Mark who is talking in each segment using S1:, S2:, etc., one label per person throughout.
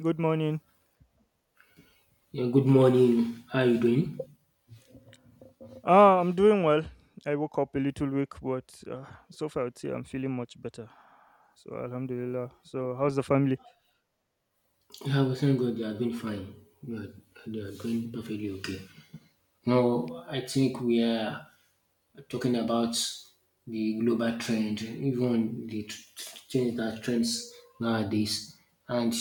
S1: Good morning.
S2: Yeah, good morning. How are you doing?
S1: Ah, I'm doing well. I woke up a little weak, but so far I would say I'm feeling much better. So Alhamdulillah. So how's the family?
S2: Yeah, we thank God they are doing fine. They are, they are doing perfectly okay. Now, I think we are talking about the global trend, even the change that trends nowadays. And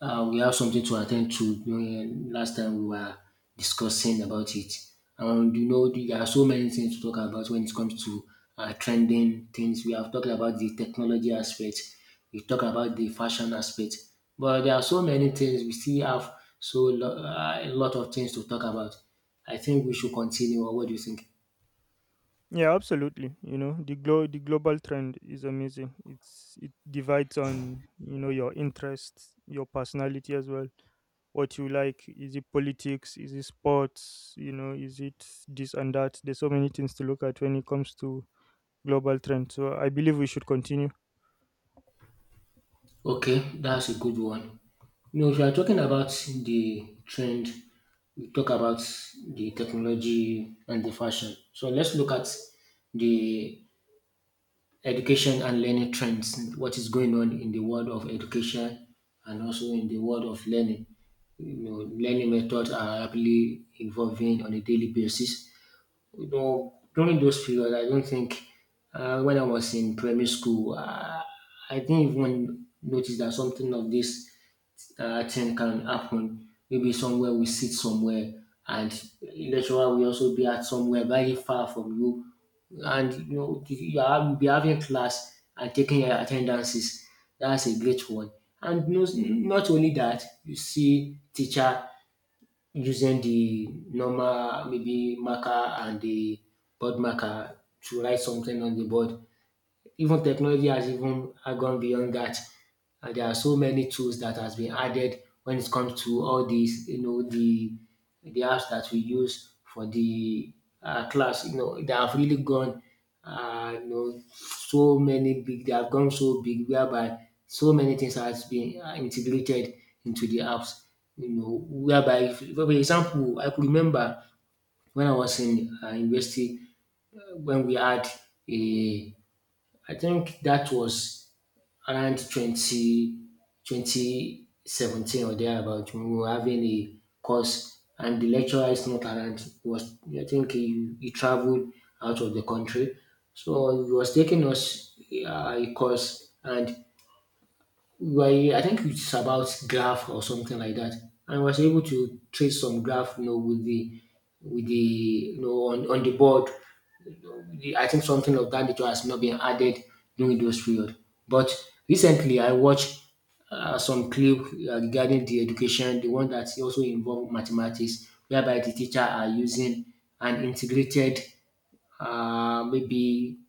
S2: we have something to attend to during last time we were discussing about it. And you know, there are so many things to talk about when it comes to trending things. We have talked about the technology aspect, we talk about the fashion aspect, but there are so many things we still have a lot of things to talk about. I think we should continue. Or what do you think?
S1: Yeah, absolutely. You know, the global trend is amazing. It divides on, you know, your interests, your personality as well. What you like, is it politics? Is it sports? You know, is it this and that? There's so many things to look at when it comes to global trend. So I believe we should continue.
S2: Okay, that's a good one. You know, if you are talking about the trend, we talk about the technology and the fashion. So let's look at the education and learning trends, what is going on in the world of education and also in the world of learning. You know, learning methods are rapidly evolving on a daily basis. You know, during those periods, I don't think when I was in primary school, I didn't even notice that something of this thing can happen. Maybe somewhere we sit somewhere and lecturer will also be at somewhere very far from you and you know you'll be having class and taking your attendances. That's a great one. And no, not only that, you see teacher using the normal maybe marker and the board marker to write something on the board even technology has even gone beyond that. There are so many tools that has been added when it comes to all these, you know, the apps that we use for the class. You know, they have really gone, so many big. They have gone so big whereby so many things has been integrated into the apps. You know, whereby, if, for example, I could remember when I was in university when we had a I think that was around 20 2017 or thereabout when we were having a course and the lecturer is not around. He was I think he traveled out of the country. So he was taking us a course and we were, I think it's about graph or something like that. And I was able to trace some graph you know, with the with the on the board I think something of that nature has not been added during those period. But recently, I watched some clip regarding the education, the one that also involved mathematics, whereby the teacher are using an integrated, maybe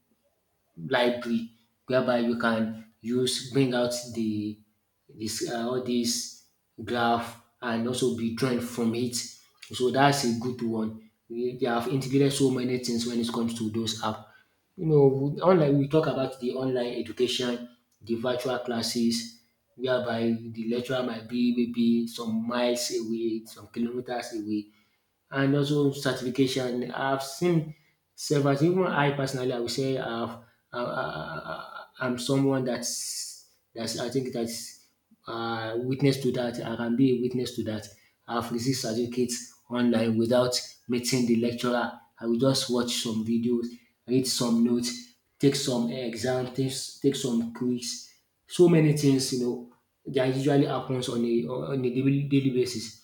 S2: library whereby you can use bring out the this all this graph and also be drawn from it. So that's a good one. They have integrated so many things when it comes to those app. You know, online we talk about the online education, the virtual classes, whereby the lecturer might be maybe some miles away, some kilometers away, and also certification. I've seen several, even I personally, I would say I'm someone that's I think that's witness to that. I can be a witness to that. I've received certificates online without meeting the lecturer. I will just watch some videos, read some notes, take some exams, take some quiz, so many things, you know, that usually happens on a daily basis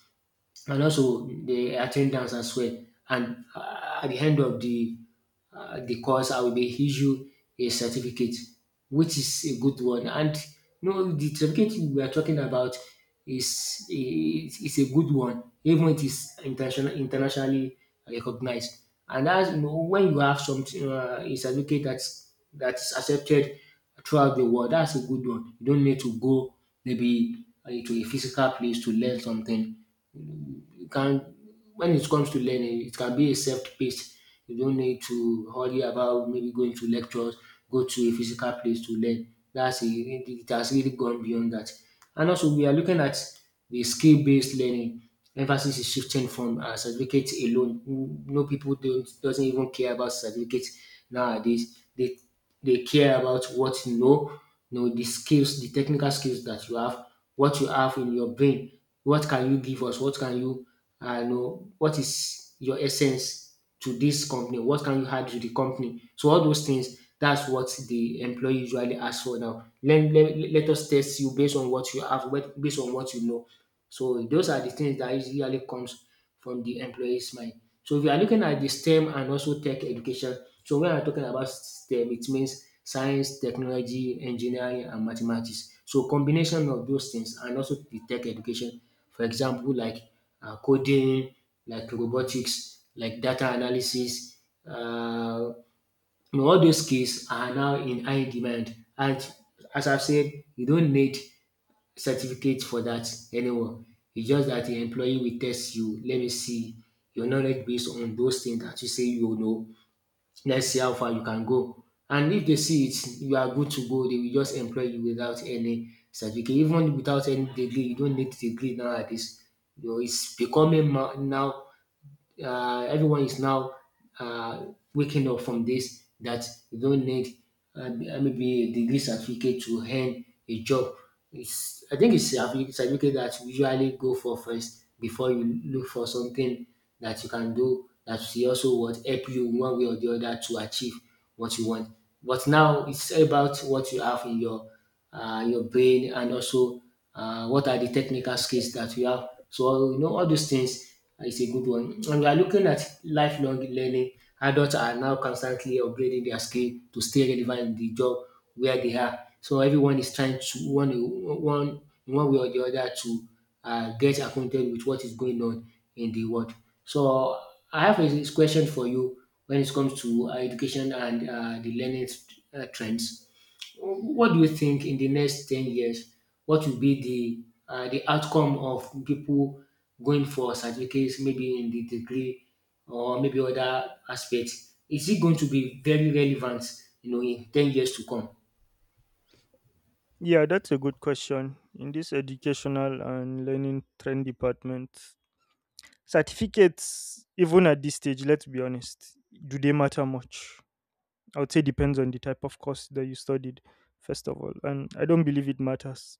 S2: and also the attendance as well. And at the end of the course, I will be issued a certificate, which is a good one. And you know, the certificate we are talking about is a good one, even it is internationally recognized. And as you know, when you have some a certificate that's accepted throughout the world, that's a good one. You don't need to go maybe to a physical place to learn something you can when it comes to learning, it can be a self-paced. You don't need to hurry about maybe going to lectures, go to a physical place to learn. That's a, really, it has really gone beyond that. And also, we are looking at the skill-based learning. Emphasis is shifting from certificate alone. Mm, no people don't doesn't even care about certificates nowadays. They care about what you know the skills, the technical skills that you have, what you have in your brain what can you give us? What can you, what is your essence to this company? What can you add to the company? So all those things, that's what the employee usually asks for now. Let us test you based on what you have, based on what you know. So those are the things that usually comes from the employee's mind. So if you are looking at the STEM and also tech education, so when I'm talking about STEM, it means science, technology, engineering, and mathematics. So combination of those things and also the tech education, for example, like coding, like robotics, like data analysis, uh, you know, all those skills are now in high demand. And as I've said, you don't need certificate for that anymore. It's just that the employee will test you. Let me see your knowledge based on those things that you say you know. Let's see how far you can go. And if they see it, you are good to go. They will just employ you without any certificate, even without any degree. You don't need degree nowadays. You know, it's becoming now everyone is now uh, waking up from this that you don't need maybe a degree certificate to earn a job. It's, I think it's a certificate that you usually go for first before you look for something that you can do that will also what help you in one way or the other to achieve what you want. But now it's about what you have in your brain and also what are the technical skills that you have. So you know all those things it's a good one. And we are looking at lifelong learning. Adults are now constantly upgrading their skill to stay relevant in the job where they are. So everyone is trying to one one in one way or the other to get acquainted with what is going on in the world. So I have a question for you when it comes to education and the learning trends. What do you think in the next 10 years? What will be the outcome of people going for certificates, maybe in the degree or maybe other aspects? Is it going to be very relevant, you know, in 10 years to come?
S1: Yeah, that's a good question. In this educational and learning trend department, certificates, even at this stage, let's be honest, do they matter much? I would say depends on the type of course that you studied, first of all. And I don't believe it matters,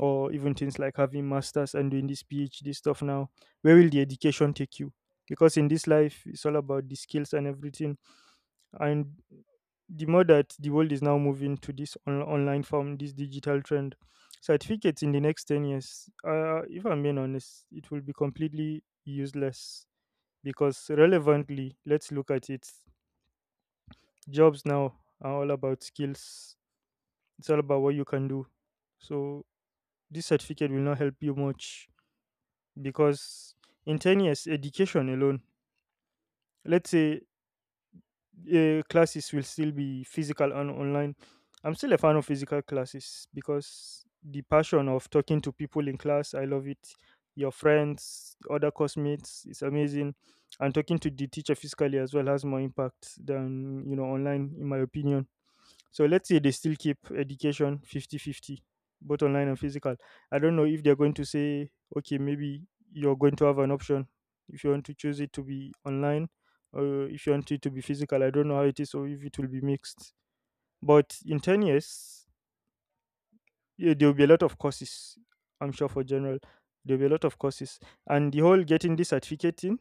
S1: or even things like having masters and doing this PhD stuff now, where will the education take you? Because in this life, it's all about the skills and everything. And the more that the world is now moving to this online form, this digital trend, certificates in the next 10 years, if I'm being honest, it will be completely useless. Because relevantly, let's look at it, jobs now are all about skills. It's all about what you can do. So this certificate will not help you much because in 10 years, education alone, let's say classes will still be physical and online. I'm still a fan of physical classes because the passion of talking to people in class, I love it. Your friends, other classmates, it's amazing. And talking to the teacher physically as well has more impact than, you know, online, in my opinion. So let's say they still keep education fifty-fifty, both online and physical. I don't know if they're going to say, okay, maybe you're going to have an option, if you want to choose it to be online or if you want it to be physical. I don't know how it is or if it will be mixed. But in 10 years, yeah, there will be a lot of courses, I'm sure, for general. There will be a lot of courses. And the whole getting this certificate in,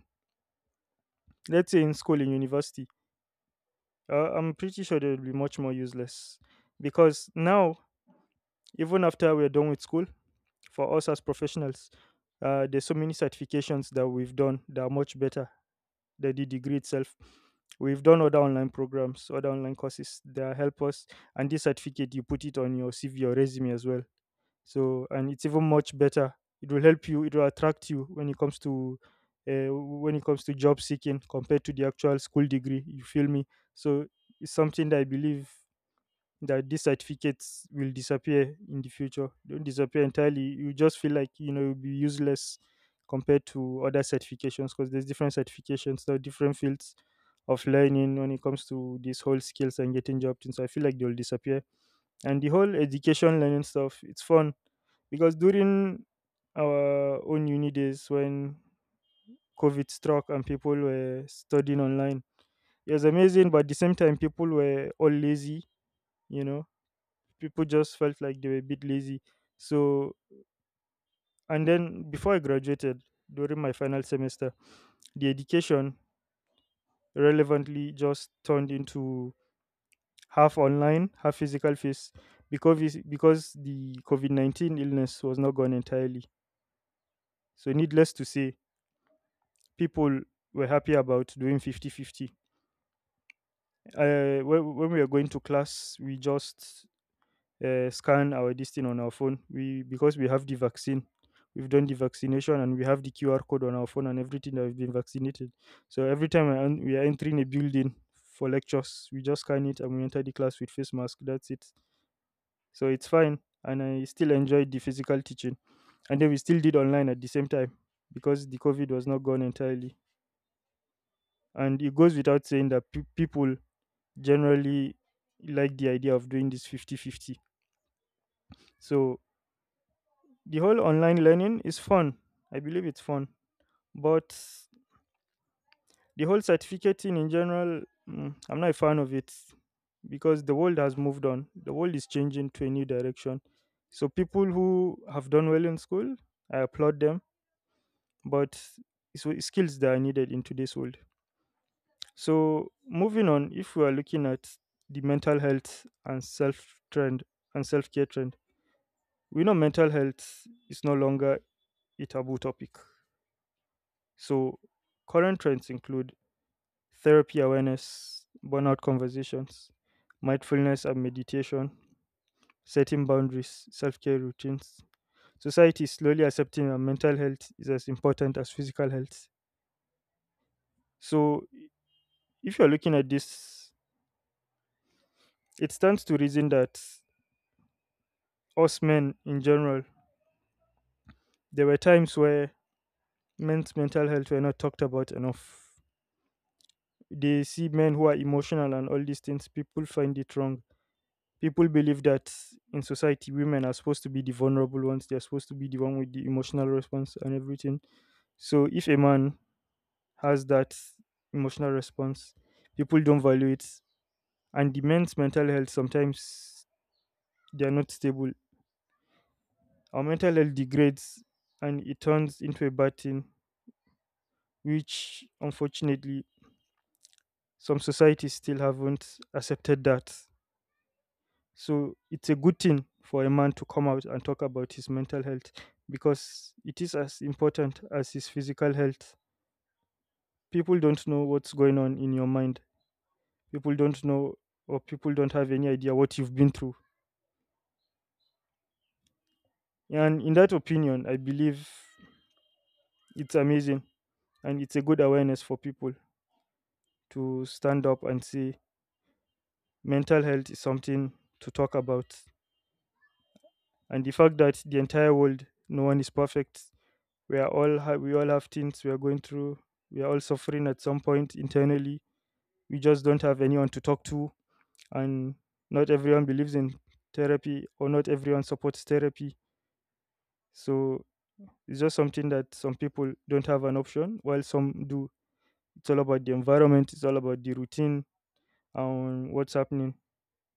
S1: let's say in school, in university, I'm pretty sure they will be much more useless because now, even after we're done with school, for us as professionals. There's so many certifications that we've done that are much better than the degree itself. We've done other online programs, other online courses that help us. And this certificate, you put it on your CV or resume as well. So, and it's even much better. It will help you. It will attract you when it comes to, when it comes to job seeking compared to the actual school degree. You feel me? So, it's something that I believe, that these certificates will disappear in the future. They don't disappear entirely. You just feel like, you know, you'll be useless compared to other certifications because there's different certifications, there are different fields of learning when it comes to these whole skills and getting job things. So I feel like they'll disappear. And the whole education learning stuff, it's fun, because during our own uni days when COVID struck and people were studying online, it was amazing, but at the same time people were all lazy. You know, people just felt like they were a bit lazy. So, and then before I graduated, during my final semester, the education relevantly just turned into half online, half physical face, because because the COVID-19 illness was not gone entirely. So, needless to say, people were happy about doing 50 50. When we were going to class, we just scan our this thing on our phone. We Because we have the vaccine, we've done the vaccination and we have the QR code on our phone and everything that we've been vaccinated. So every time we are entering a building for lectures, we just scan it and we enter the class with face mask. That's it. So it's fine, and I still enjoyed the physical teaching, and then we still did online at the same time because the COVID was not gone entirely. And it goes without saying that people generally like the idea of doing this fifty-fifty. So the whole online learning is fun. I believe it's fun. But the whole certificate thing in general, I'm not a fan of it because the world has moved on. The world is changing to a new direction. So people who have done well in school, I applaud them, but it's skills that are needed in today's world. So moving on, if we are looking at the mental health and self trend and self care trend, we know mental health is no longer a taboo topic. So, current trends include therapy awareness, burnout conversations, mindfulness and meditation, setting boundaries, self care routines. Society is slowly accepting that mental health is as important as physical health. So, if you're looking at this, it stands to reason that us men in general, there were times where men's mental health were not talked about enough. They see men who are emotional and all these things, people find it wrong. People believe that in society, women are supposed to be the vulnerable ones, they're supposed to be the one with the emotional response and everything. So if a man has that emotional response, people don't value it. And the men's mental health sometimes, they're not stable. Our mental health degrades and it turns into a bad thing, which unfortunately some societies still haven't accepted that. So it's a good thing for a man to come out and talk about his mental health because it is as important as his physical health. People don't know what's going on in your mind. People don't know, or people don't have any idea what you've been through. And in that opinion, I believe it's amazing, and it's a good awareness for people to stand up and say mental health is something to talk about. And the fact that the entire world, no one is perfect, we all have things we are going through. We are all suffering at some point internally, we just don't have anyone to talk to. And not everyone believes in therapy, or not everyone supports therapy. So it's just something that some people don't have an option while some do. It's all about the environment, it's all about the routine and what's happening.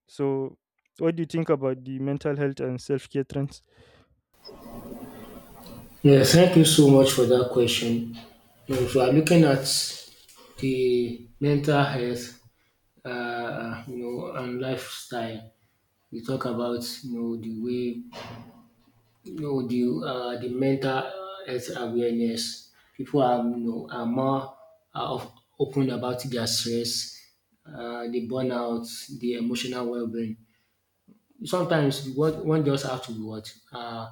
S1: So what do you think about the mental health and self-care trends?
S2: Yeah, thank you so much for that question. You know, if you are looking at the mental health, and lifestyle, we talk about you know the way no, the mental health awareness. People are you know are more uh, of- open about their stress, the burnout, the emotional well-being. Sometimes what one just have to what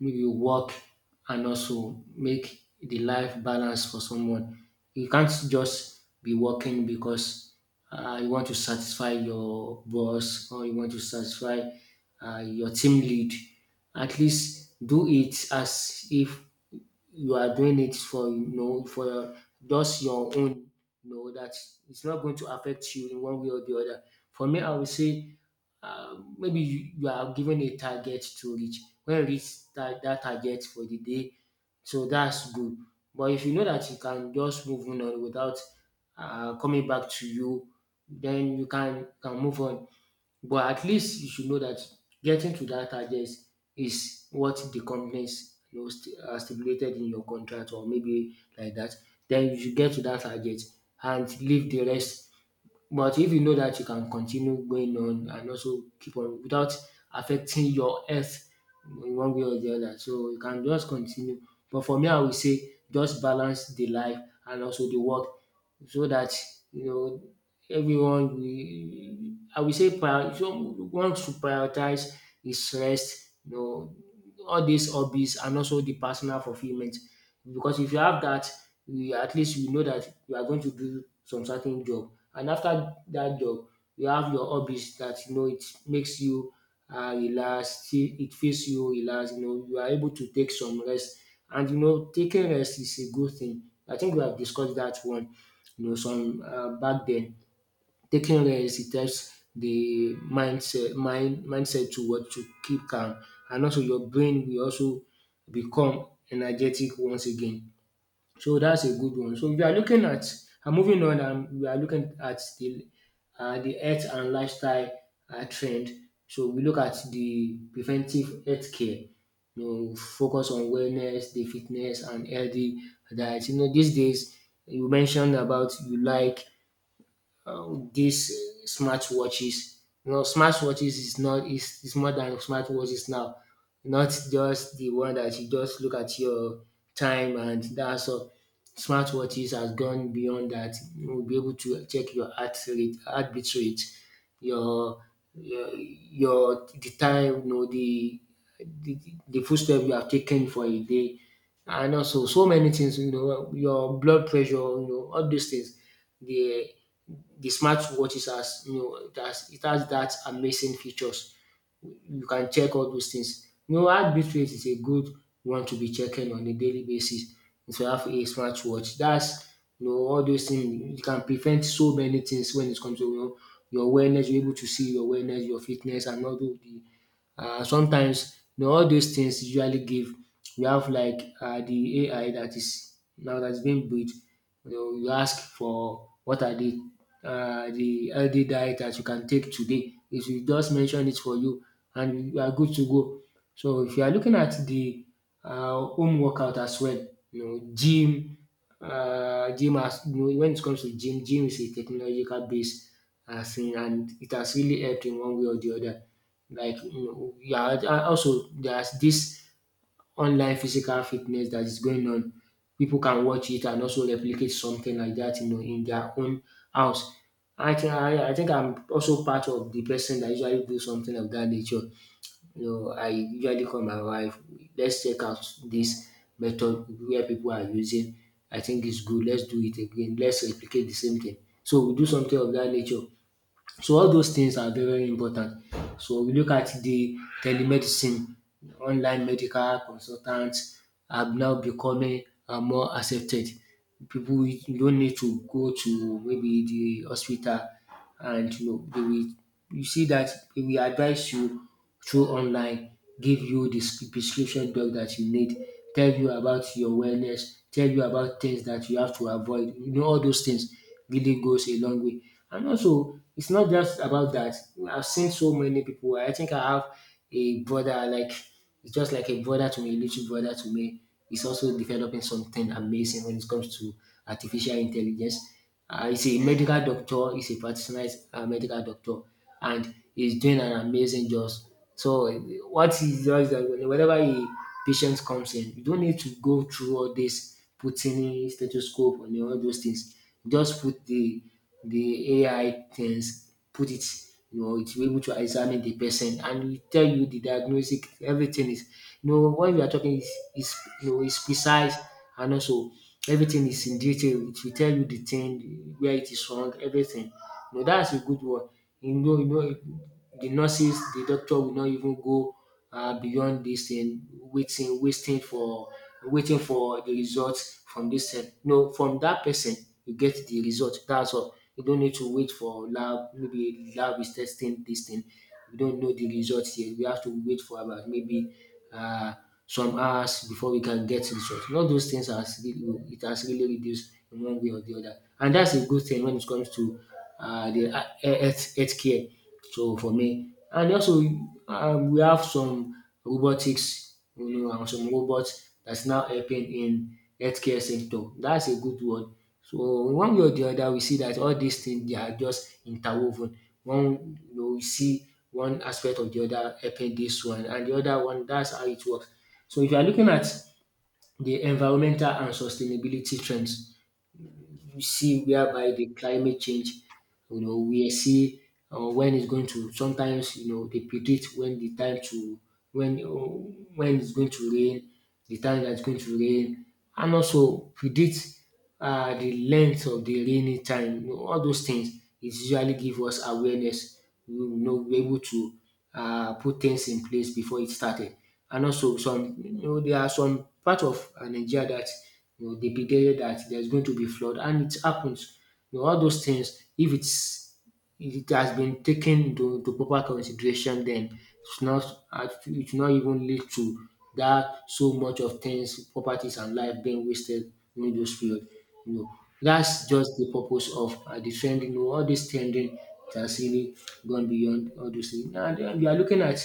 S2: maybe work and also make the life balance for someone. You can't just be working because you want to satisfy your boss or you want to satisfy your team lead. At least do it as if you are doing it for you know for your, just your own you know that it's not going to affect you in one way or the other for me I would say maybe you are given a target to reach when you reach that target for the day so that's good but if you know that you can just move on without coming back to you then you can move on but at least you should know that getting to that target is what the companies you know, stipulated in your contract or maybe like that. Then you should get to that target and leave the rest. But if you know that you can continue going on and also keep on without affecting your health in one way or the other, so you can just continue. But for me, I would say just balance the life and also the work so that you know everyone will I will say prior so one should prioritize his rest, you know, all these hobbies and also the personal fulfillment. Because if you have that, you at least you know that you are going to do some certain job. And after that job, you have your hobbies that you know it makes you relaxed, it feels you relax. You know, you are able to take some rest. And you know, taking rest is a good thing. I think we have discussed that one. You know, some back then, taking rest it helps the mindset to what to keep calm, and also your brain will also become energetic once again. So that's a good one. So we are looking at moving on, and we are looking at the health and lifestyle trend. So we look at the preventive health care. You know, focus on wellness, the fitness, and healthy diet. You know, these days you mentioned about you like these smartwatches. You know, smartwatches is not is, is more than smartwatches now. Not just the one that you just look at your time and that's all. Smartwatches has gone beyond that. You will be able to check your heart rate, heartbeat rate, your your the time, you know, the, the footstep you have taken for a day, and also so many things. You know, your blood pressure. You know, all these things. They the smartwatch is as you know it has that amazing features. You can check all those things. You know, heartbeat rate is a good one to be checking on a daily basis if you have a smartwatch. That's you know all those things you can prevent so many things when it comes to you know, your awareness. You're able to see your awareness, your fitness, and all those the sometimes you know all those things usually give we have like the AI that is now that is being built you know you ask for what are the healthy diet that you can take today, it will just mention it for you and you are good to go. So if you are looking at the home workout as well, you know, gym. As you know, when it comes to gym, gym is a technological base as in, and it has really helped in one way or the other. Like, you know, yeah, also there's this online physical fitness that is going on. People can watch it and also replicate something like that, you know, in their own house. I think I'm also part of the person that usually do something of that nature. You know, I usually call my wife, let's check out this method where people are using. I think it's good. Let's do it again. Let's replicate the same thing. So we do something of that nature. So all those things are very, very important. So we look at the telemedicine, online medical consultants have now becoming more accepted. People, you don't need to go to maybe the hospital and you know they will you see that they will advise you through online, give you the prescription drug that you need, tell you about your wellness, tell you about things that you have to avoid. You know, all those things really goes a long way. And also, it's not just about that. I've seen so many people. I think I have a brother, like, it's just like a brother to me, a little brother to me. He's also developing something amazing when it comes to artificial intelligence. He's a medical doctor. He's a practitioner, he's medical doctor, and he's doing an amazing job. So what he does is that whenever a patient comes in, you don't need to go through all this putting in stethoscope and all those things. Just put the AI things, put it, you know, it will be able to examine the person and it tell you the diagnostic, everything is, you know, when we are talking is you know, is precise and also everything is in detail. It will tell you the thing, where it is wrong, everything. You know, that's a good one. You know, you know, the nurses, the doctor will not even go beyond this thing, waiting for the result from this thing. No, from that person you get the result. That's all. You don't need to wait for lab, maybe lab is testing this thing, we don't know the result yet, we have to wait for about maybe um some hours before we can get results. All those things has really it has really reduced in one way or the other, and that's a good thing when it comes to de health care. So for me, and also we have some robotics, you know, and some robots that's now helping in healthcare sector. That's a good one. So one way or the other we see that all these things, they are just interwoven. One, you know, we see one aspect of the other helping this one and the other one. That's how it works. So if you are looking at the environmental and sustainability trends, you see whereby the climate change, you know, we see when it's going to. Sometimes you know they predict when the time to when uh, when it's going to rain, the time that's going to rain, and also predict the length of the rainy time, you know, all those things is usually give us awareness. We will know, we able to put things in place before it started. And also some, you know, there are some part of Nigeria that you know they predicted that there's going to be flood and it happens. You know all those things, if it's it has been taken into proper consideration, then it's not it will not even lead to that so much of things, properties and life being wasted during those period. You know, that's just the purpose of the trending all this trending has really gone beyond all those things. Now den we are looking at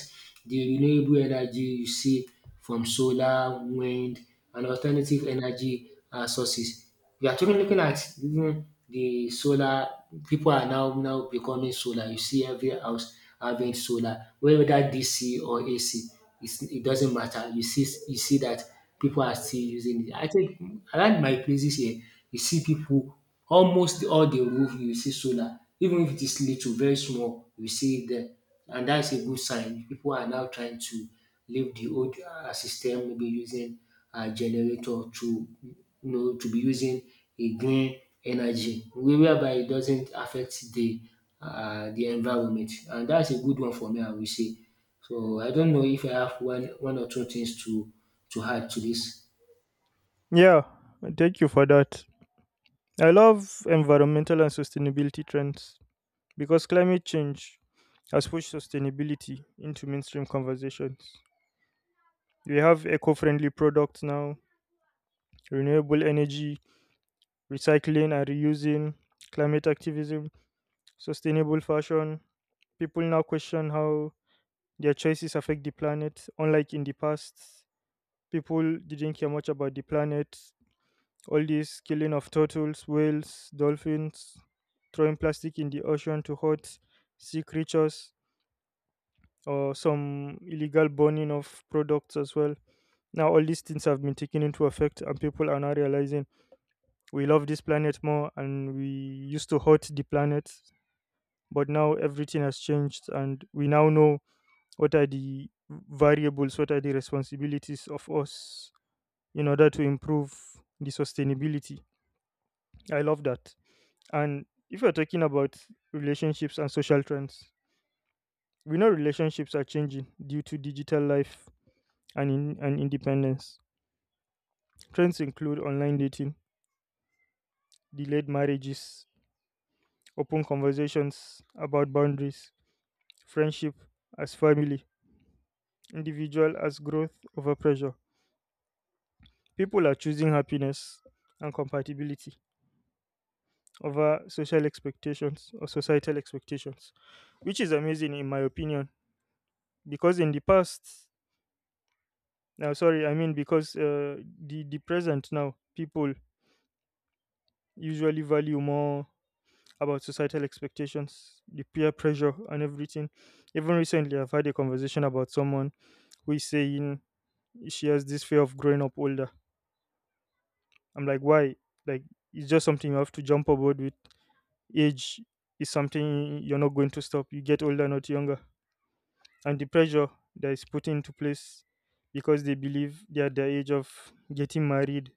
S2: the renewable energy, you see, from solar, wind and alternative energy sources. We are talking, looking at even the solar, people are now becoming solar. You see every house having solar, whether DC or AC, it doesn't matter. You see that people are still using it. I think around my places here, you see people almost all the roof you see solar, even if it is little, very small, you see it there. And that's a good sign. People are now trying to leave the old system, maybe using a generator, to you know to be using a green energy whereby it doesn't affect the environment, and that's a good one. For me, I will say, so I don't know if I have one or two things to add to this.
S1: Yeah, thank you for that. I love environmental and sustainability trends, because climate change has pushed sustainability into mainstream conversations. We have eco friendly products now, renewable energy, recycling and reusing, climate activism, sustainable fashion. People now question how their choices affect the planet, unlike in the past. People didn't care much about the planet. All this killing of turtles, whales, dolphins, throwing plastic in the ocean to hurt sea creatures, or some illegal burning of products as well. Now, all these things have been taken into effect, and people are now realizing we love this planet more and we used to hurt the planet, but now everything has changed, and we now know what are the variables, what are the responsibilities of us in order to improve the sustainability. I love that. And if you're talking about relationships and social trends, we know relationships are changing due to digital life and and independence. Trends include online dating, delayed marriages, open conversations about boundaries, friendship as family, individual as growth over pressure. People are choosing happiness and compatibility over social expectations or societal expectations, which is amazing in my opinion. Because in the past, now sorry, I mean because the present now, people usually value more about societal expectations, the peer pressure, and everything. Even recently, I've had a conversation about someone who is saying she has this fear of growing up older. I'm like, why? Like, it's just something you have to jump aboard with. Age is something you're not going to stop. You get older, not younger. And the pressure that is put into place because they believe they're at the age of getting married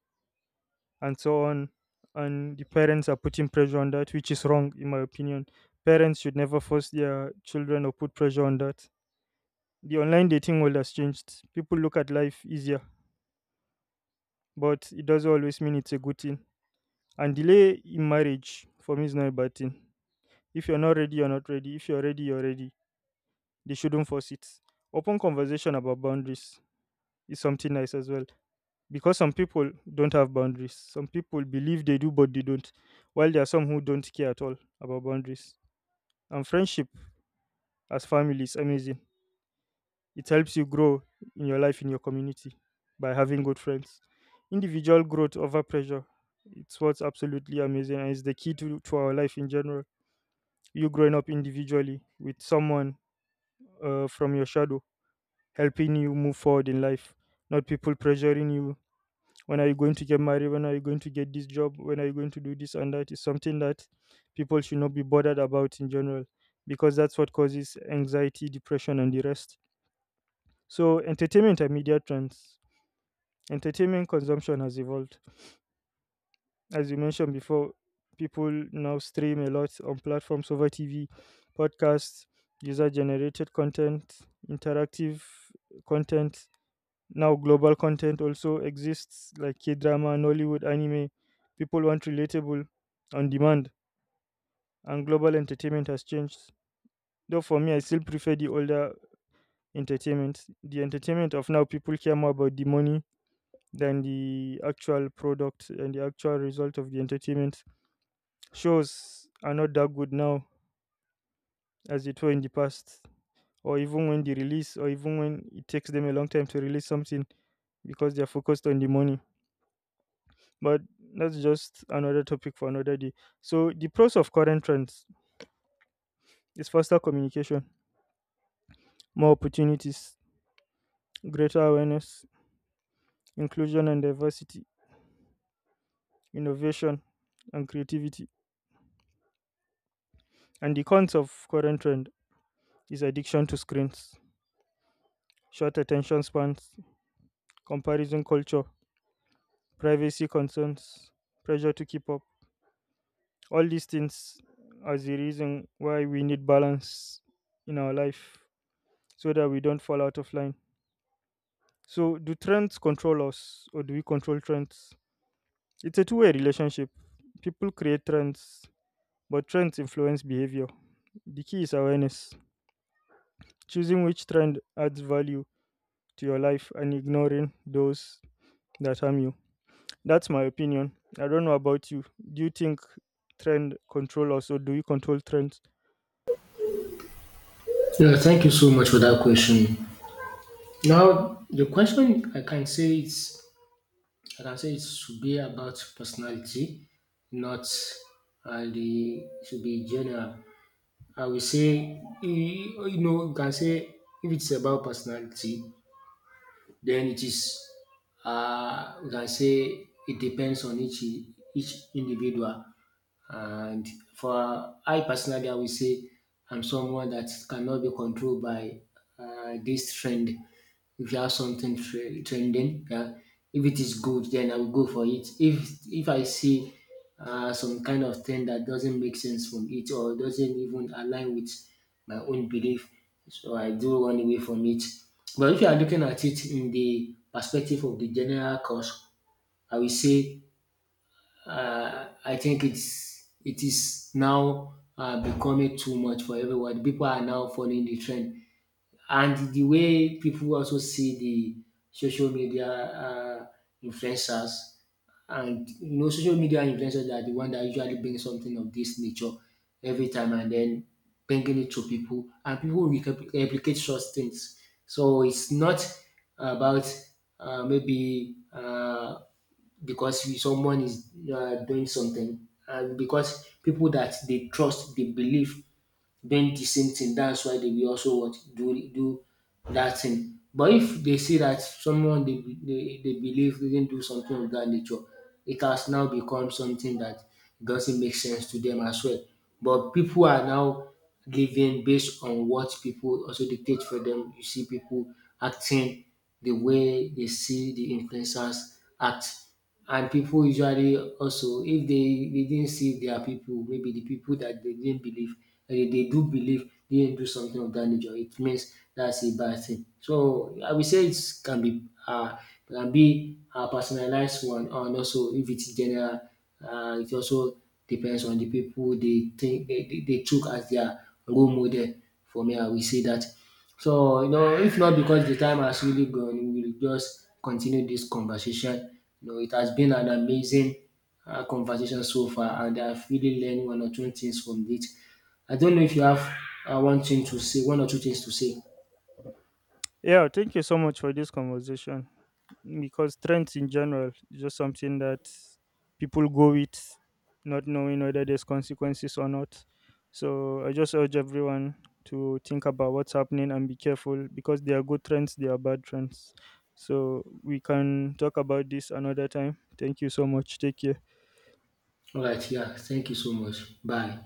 S1: and so on, and the parents are putting pressure on that, which is wrong in my opinion. Parents should never force their children or put pressure on that. The online dating world has changed, people look at life easier, but it doesn't always mean it's a good thing. And delay in marriage for me is not a bad thing. If you're not ready, you're not ready. If you're ready, you're ready. They shouldn't force it. Open conversation about boundaries is something nice as well, because some people don't have boundaries. Some people believe they do, but they don't. While there are some who don't care at all about boundaries. And friendship as family is amazing. It helps you grow in your life, in your community, by having good friends. Individual growth over pressure. It's what's absolutely amazing, and it's the key to our life in general. You growing up individually with someone, from your shadow helping you move forward in life, not people pressuring you, when are you going to get married, when are you going to get this job, when are you going to do this and that, is something that people should not be bothered about in general, because that's what causes anxiety, depression, and the rest. So entertainment and media trends. Entertainment consumption has evolved, as you mentioned before. People now stream a lot on platforms over TV, podcasts, user generated content, interactive content. Now global content also exists, like K-drama, Nollywood, anime. People want relatable, on demand, and global entertainment has changed. Though for me, I still prefer the older entertainment. The entertainment of now, people care more about the money than the actual product and the actual result of the entertainment. Shows are not that good now as it were in the past, or even when they release, or even when it takes them a long time to release something, because they're focused on the money. But that's just another topic for another day. So the pros of current trends is faster communication, more opportunities, greater awareness, inclusion and diversity, innovation and creativity. And the cons of current trend is addiction to screens, short attention spans, comparison culture, privacy concerns, pressure to keep up. All these things are the reason why we need balance in our life, so that we don't fall out of line. So, do trends control us or do we control trends? It's a two-way relationship. People create trends, but trends influence behavior. The key is awareness, choosing which trend adds value to your life and ignoring those that harm you. That's my opinion. I don't know about you. Do you think trend control us or do we control trends?
S2: Yeah, thank you so much for that question. Now the question, I can say it's I can say it should be about personality, not the it should be general, I will say. You know, you can say if it's about personality, then it is, we can say it depends on each individual. And for I personally, I will say I'm someone that cannot be controlled by this trend. If you have something trending, yeah, if it is good, then I will go for it. If I see some kind of thing that doesn't make sense from it or doesn't even align with my own belief, so I do run away from it. But if you are looking at it in the perspective of the general cause, I will say I think it is now becoming too much for everyone. People are now following the trend and the way people also see the social media influencers, and you know, social media influencers are the one that usually bring something of this nature every time and then bringing it to people, and people replicate such things. So it's not about maybe because someone is doing something, and because people that they trust, they believe bend the same thing. That's why they will also what do do that thing. But if they see that someone they believe didn't do something of that nature, it has now become something that doesn't make sense to them as well. But people are now living based on what people also dictate for them. You see people acting the way they see the influencers act. And pipu usually also if dey dey didn't see their pipu, maybe de pipu dat dey didn't believe dey dey do believe they didn't do something of dat nature, it means that's a bad thing. So I will say it can be um can be personalized one, and also if it's general it also depends on de pipu dey think dey dey took as their role model. For me, I will say dat. So, you know, if not because the time has really gone, we will just continue this conversation. You know, it has been an amazing conversation so far, and I've really learned one or two things from it. I don't know if you have one thing to say, one or two things to say.
S1: Yeah, thank you so much for this conversation, because trends in general is just something that people go with, not knowing whether there's consequences or not. So I just urge everyone to think about what's happening and be careful, because there are good trends, there are bad trends. So we can talk about this another time. Thank you so much. Take care.
S2: All right, yeah, thank you so much. Bye.